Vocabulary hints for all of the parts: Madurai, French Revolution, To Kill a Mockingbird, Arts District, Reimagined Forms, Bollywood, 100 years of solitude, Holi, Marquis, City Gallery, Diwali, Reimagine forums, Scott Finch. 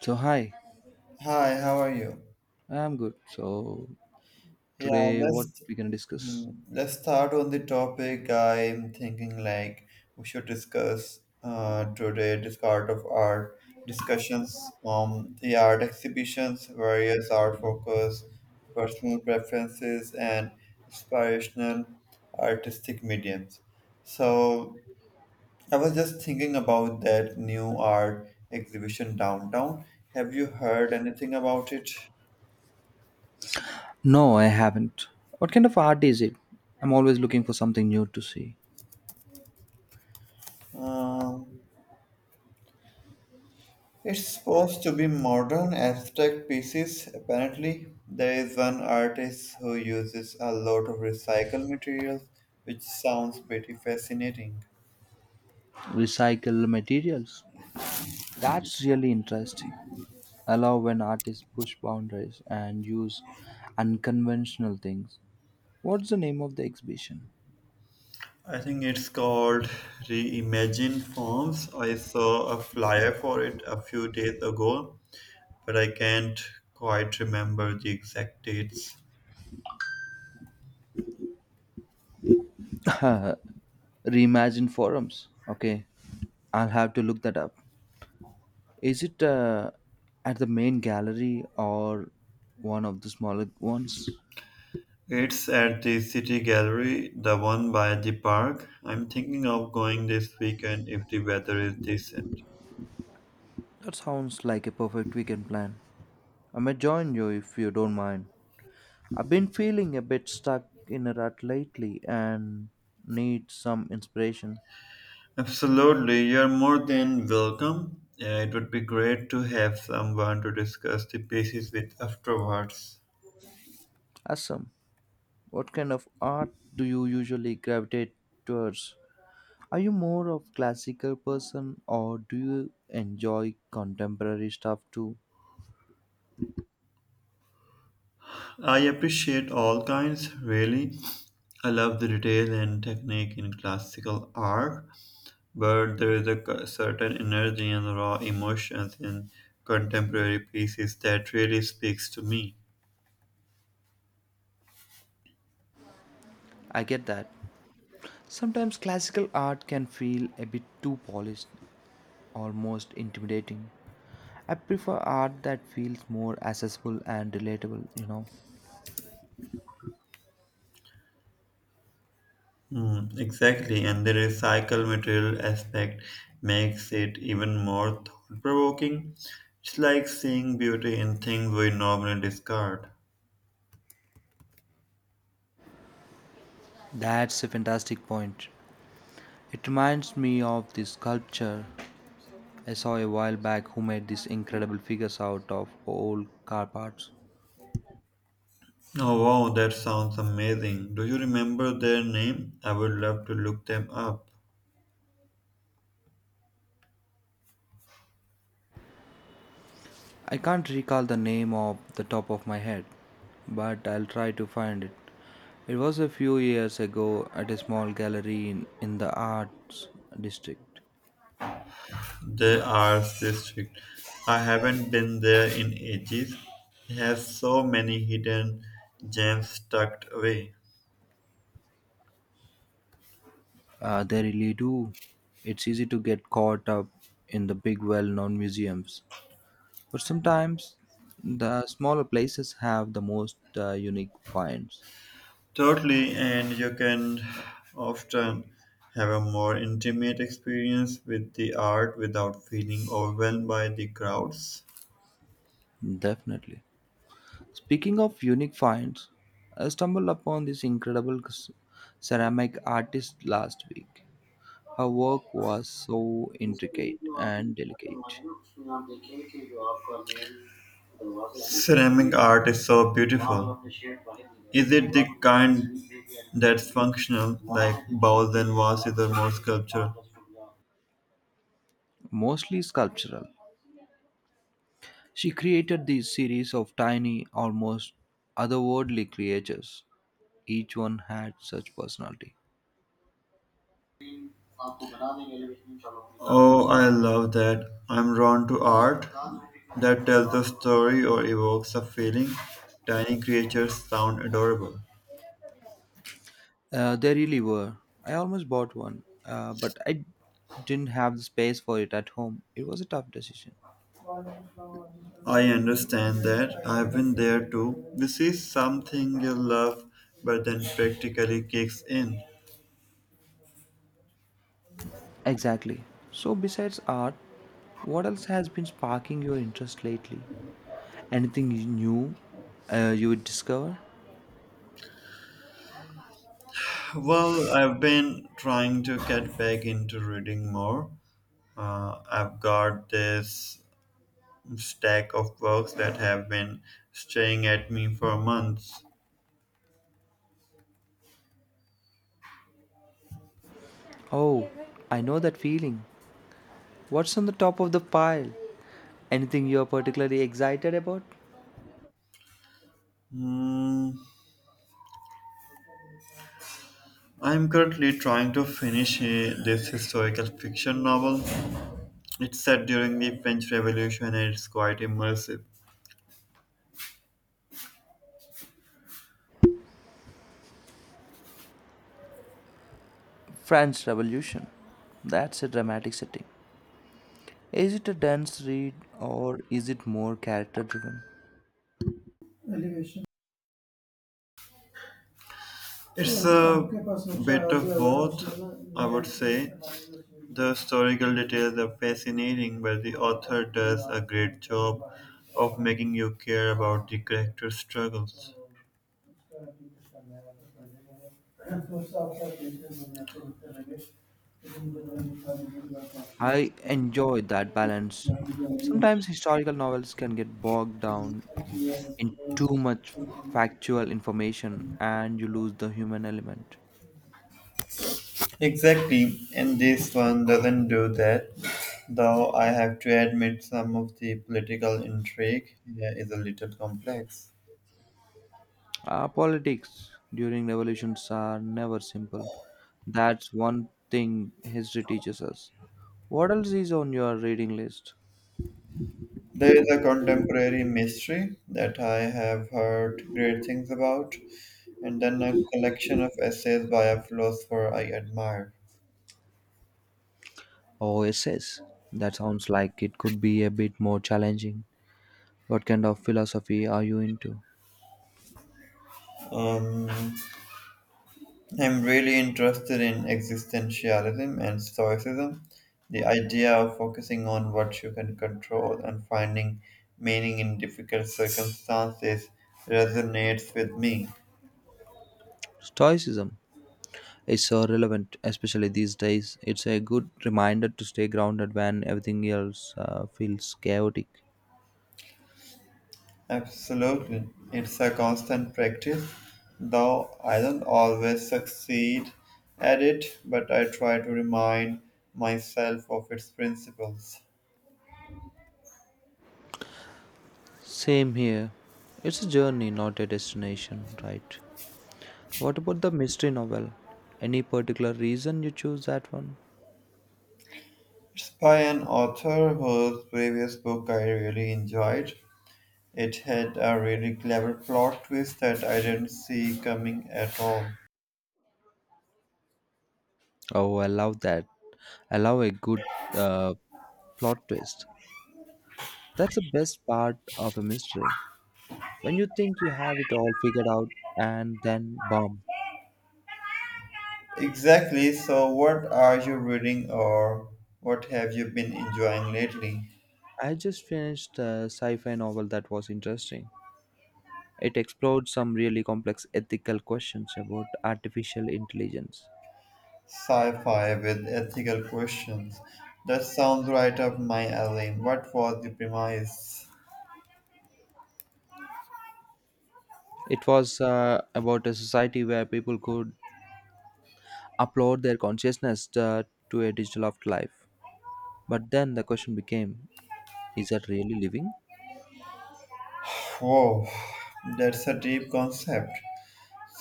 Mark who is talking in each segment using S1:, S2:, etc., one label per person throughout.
S1: So hi,
S2: Hi, how are you?
S1: I'm good. So
S2: Yeah,
S1: today what
S2: let's
S1: we can discuss?
S2: let's start on the topic I'm thinking like we should discuss today discard of art discussions on the art exhibitions, various art focus, personal preferences, and inspirational artistic mediums. So I was just thinking about that new art exhibition downtown. Have you heard anything about it?
S1: No, I haven't. What kind of art is it? I'm always looking for something new to see.
S2: Um, It's supposed to be modern abstract pieces. Apparently, there is one artist who uses a lot of recycled materials, which sounds pretty fascinating.
S1: Recycle materials. That's really interesting. I love when artists push boundaries and use unconventional things. What's the name of the exhibition?
S2: I think it's called Reimagined Forms. I saw a flyer for it a few days ago, but I can't quite remember the exact dates.
S1: Reimagine forums. Okay, I'll have to look that up. Is it at the main gallery or one of the smaller ones?
S2: It's at the City Gallery, the one by the park. I'm thinking of going this weekend if the weather is decent.
S1: That sounds like a perfect weekend plan. I may join you if you don't mind. I've been feeling a bit stuck in a rut lately and need some inspiration.
S2: Absolutely, you're more than welcome. It would be great to have someone to discuss the basis with afterwards.
S1: Awesome. What kind of art do you usually gravitate towards? Are you more of classical person or do you enjoy contemporary stuff too?
S2: I appreciate all kinds, really. I love the detail and technique in classical art, but there is a certain energy and raw emotions in contemporary pieces that really speaks to me.
S1: I get that. Sometimes classical art can feel a bit too polished, almost intimidating. I prefer art that feels more accessible and relatable, you know.
S2: Mm, exactly, and the recycle material aspect makes it even more thought provoking. It's like seeing beauty in things we normally discard.
S1: That's a fantastic point. It reminds me of this sculpture I saw a while back who made these incredible figures out of old car parts.
S2: Oh wow, that sounds amazing. Do you remember their name? I would love to look them up.
S1: I can't recall the name off the top of my head, but I'll try to find it. It was a few years ago at a small gallery in the arts district.
S2: The Arts District. I haven't been there in ages. It has so many hidden gems tucked away.
S1: They really do. It's easy to get caught up in the big well known museums, but sometimes the smaller places have the most unique finds.
S2: Totally, and you can often have a more intimate experience with the art without feeling overwhelmed by the crowds.
S1: Definitely. Speaking of unique finds, I stumbled upon this incredible ceramic artist last week. Her work was so intricate and delicate,
S2: Ceramic art is so beautiful, kind that's functional, like bowls and vases or more sculpture.
S1: mostly sculptural. She created these series of tiny, almost otherworldly creatures. Each one had such personality.
S2: Oh, I love that. I'm drawn to art that tells a story or evokes a feeling. Tiny creatures sound adorable.
S1: They really were. I almost bought one, but I didn't have the space for it at home. It was a tough decision.
S2: I understand that. I've been there too. This is something you love, but then practically kicks in.
S1: Exactly. So, besides art, what else has been sparking your interest lately? New you would discover?
S2: Well, I've been trying to get back into reading more. I've got this stack of books that have been staying at me for months.
S1: Oh, I know that feeling. What's on the top of the pile? Anything you're particularly excited about?
S2: Hmm, I'm currently trying to finish this historical fiction novel. It's set during the French Revolution and it's quite immersive.
S1: French Revolution. That's a dramatic setting. Is it a dense read or is it more character driven?
S2: The historical details are fascinating, but the author does a great job of making you care about the character's struggles.
S1: I enjoy that balance. Sometimes historical novels can get bogged down in too much factual information and you lose the human element.
S2: Exactly, and this one doesn't do that, though I have to admit some of the political intrigue here is a little complex.
S1: Politics during revolutions are never simple. That's one thing history teaches us. What else is on your reading list?
S2: There is a contemporary mystery that I have heard great things about, and then a collection of essays by a philosopher I admire.
S1: Oh, essays. That sounds like it could be a bit more challenging. What kind of philosophy are you into?
S2: Um, I'm really interested in existentialism and stoicism, the idea of focusing on what you can control and finding meaning in difficult circumstances resonates with me.
S1: Stoicism is so relevant, especially these days. It's a good reminder to stay grounded when everything else feels chaotic.
S2: Absolutely. It's a constant practice, though I don't always succeed at it, but I try to remind myself of its principles.
S1: Same here. It's a journey, not a destination, right? What about the mystery novel? Any particular reason you choose that one?
S2: It's by an author whose previous book I really enjoyed. It had a really clever plot twist that I didn't see coming at all.
S1: Oh, I love that. I love a good uh, plot twist. That's the best part of a mystery. When you think you have it all figured out and then boom.
S2: Exactly. So, what are you reading or what have you been enjoying lately?
S1: I just finished a sci fi novel that was interesting. It explored some really complex ethical questions about artificial intelligence.
S2: Sci fi with ethical questions. That sounds right up my alley. What was the premise?
S1: It was about a society where people could upload their consciousness to a digital afterlife. But then the question became, is that really living?
S2: Whoa, that's a deep concept.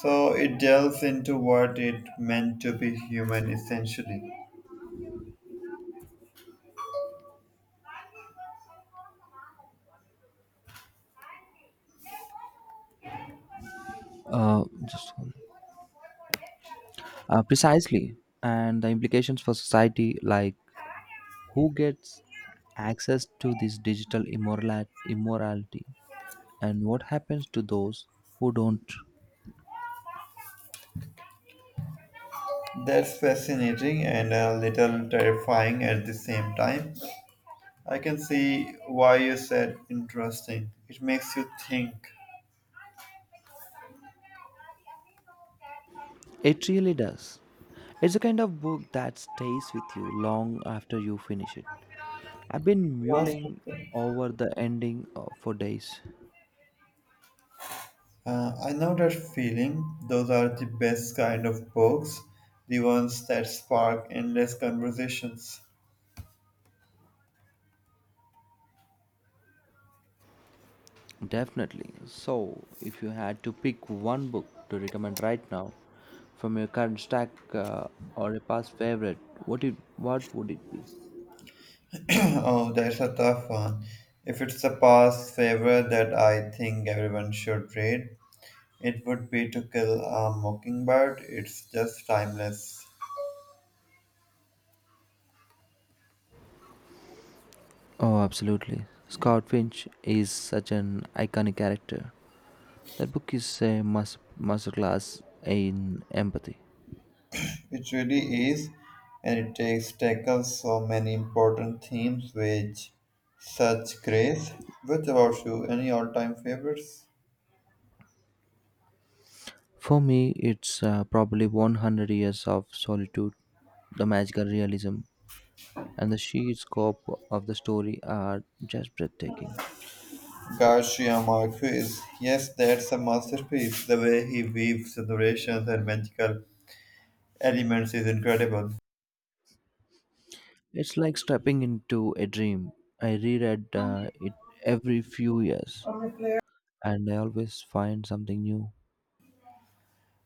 S2: So, it delves into what it meant to be human essentially.
S1: Uh, just one- precisely. And the implications for society, like who gets access to this immorality and what happens to those who don't.
S2: That's fascinating and a little terrifying at the same time. I can see why you said interesting. It makes you think.
S1: It really does. It's the kind of book that stays with you long after you finish it. I've been
S2: Was
S1: mulling over the ending for days.
S2: I know that feeling. Those are the best kind of books, the ones that spark endless conversations.
S1: Definitely. So, if you had to pick one book to recommend right now from your current stack or a past favorite, what would it be?
S2: Oh, that's a tough one. If it's a past favorite that I think everyone should read, it would be To Kill a Mockingbird. It's just timeless.
S1: Oh, absolutely. Scott Finch is such an iconic character. That book is a masterclass in empathy.
S2: It really is, and it takes tackles so many important themes with such grace. What about you? Any all-time favorites?
S1: For me, it's probably 100 years of solitude, the magical realism, and the sheer scope of the story are just breathtaking.
S2: Gosh, yeah, Marquis. Yes, that's a masterpiece. The way he weaves narrations and magical elements is incredible.
S1: It's like stepping into a dream. I reread it every few years, and I always find something new.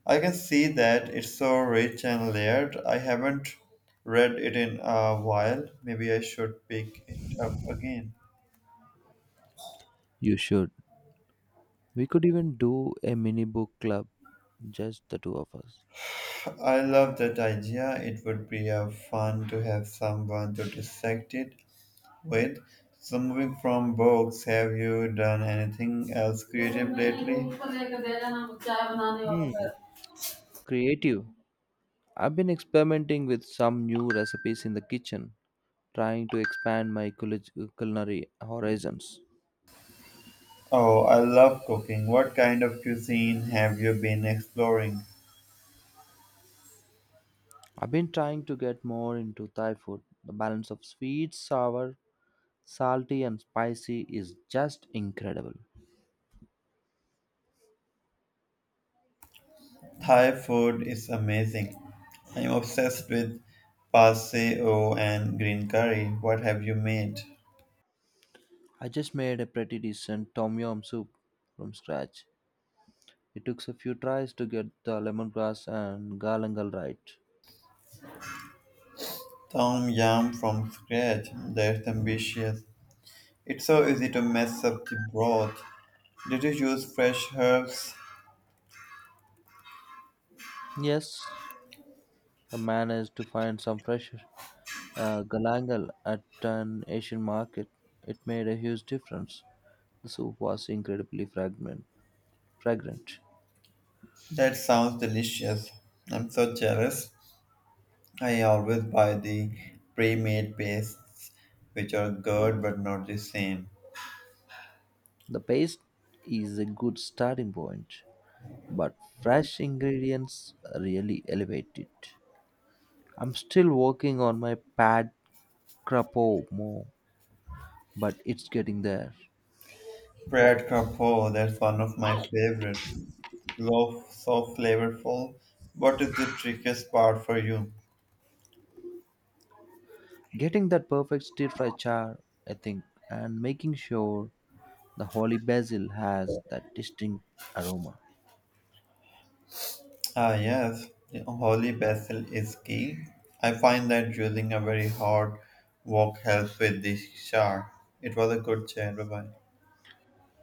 S2: I can see that it's so rich and layered. I haven't read it in a while. Maybe I should pick it up again.
S1: You should. We could even do a mini book club, just the two of us.
S2: I love that idea. It would be fun to have someone to dissect it with. So, moving from books, have you done anything else creative lately?
S1: Hmm, creative. I've been experimenting with some new recipes in the kitchen, trying to expand my culinary horizons.
S2: Oh, I love cooking. What kind of cuisine have you been exploring?
S1: I've been trying to get more into Thai food. The balance of sweet, sour, salty, and spicy is just incredible.
S2: Thai food is amazing. I'm obsessed with paseo and green curry. What have you made?
S1: I just made a pretty decent tom yum soup from scratch. It took a few tries to get the lemongrass and galangal right.
S2: Tom yum from scratch. That's ambitious. It's so easy to mess up the broth. Did you use fresh herbs?
S1: Yes, I managed to find some fresh galangal at an Asian market. It made a huge difference. The soup was incredibly fragrant.
S2: That sounds delicious. I'm so jealous. I always buy the pre-made pastes, which are good but not the same.
S1: The paste is a good starting point, but fresh ingredients really elevate it. I'm still working on my pad crapo more, but it's getting there.
S2: Bread crapaud, that's one of my favorites. Loaf so flavorful. What is the trickiest part for you?
S1: Getting that perfect stir fry char, I think, and making sure the holy basil has that distinct aroma.
S2: Ah, yes, holy basil is key. I find that using a very hard walk helps with the char. It was a good chat. Bye bye.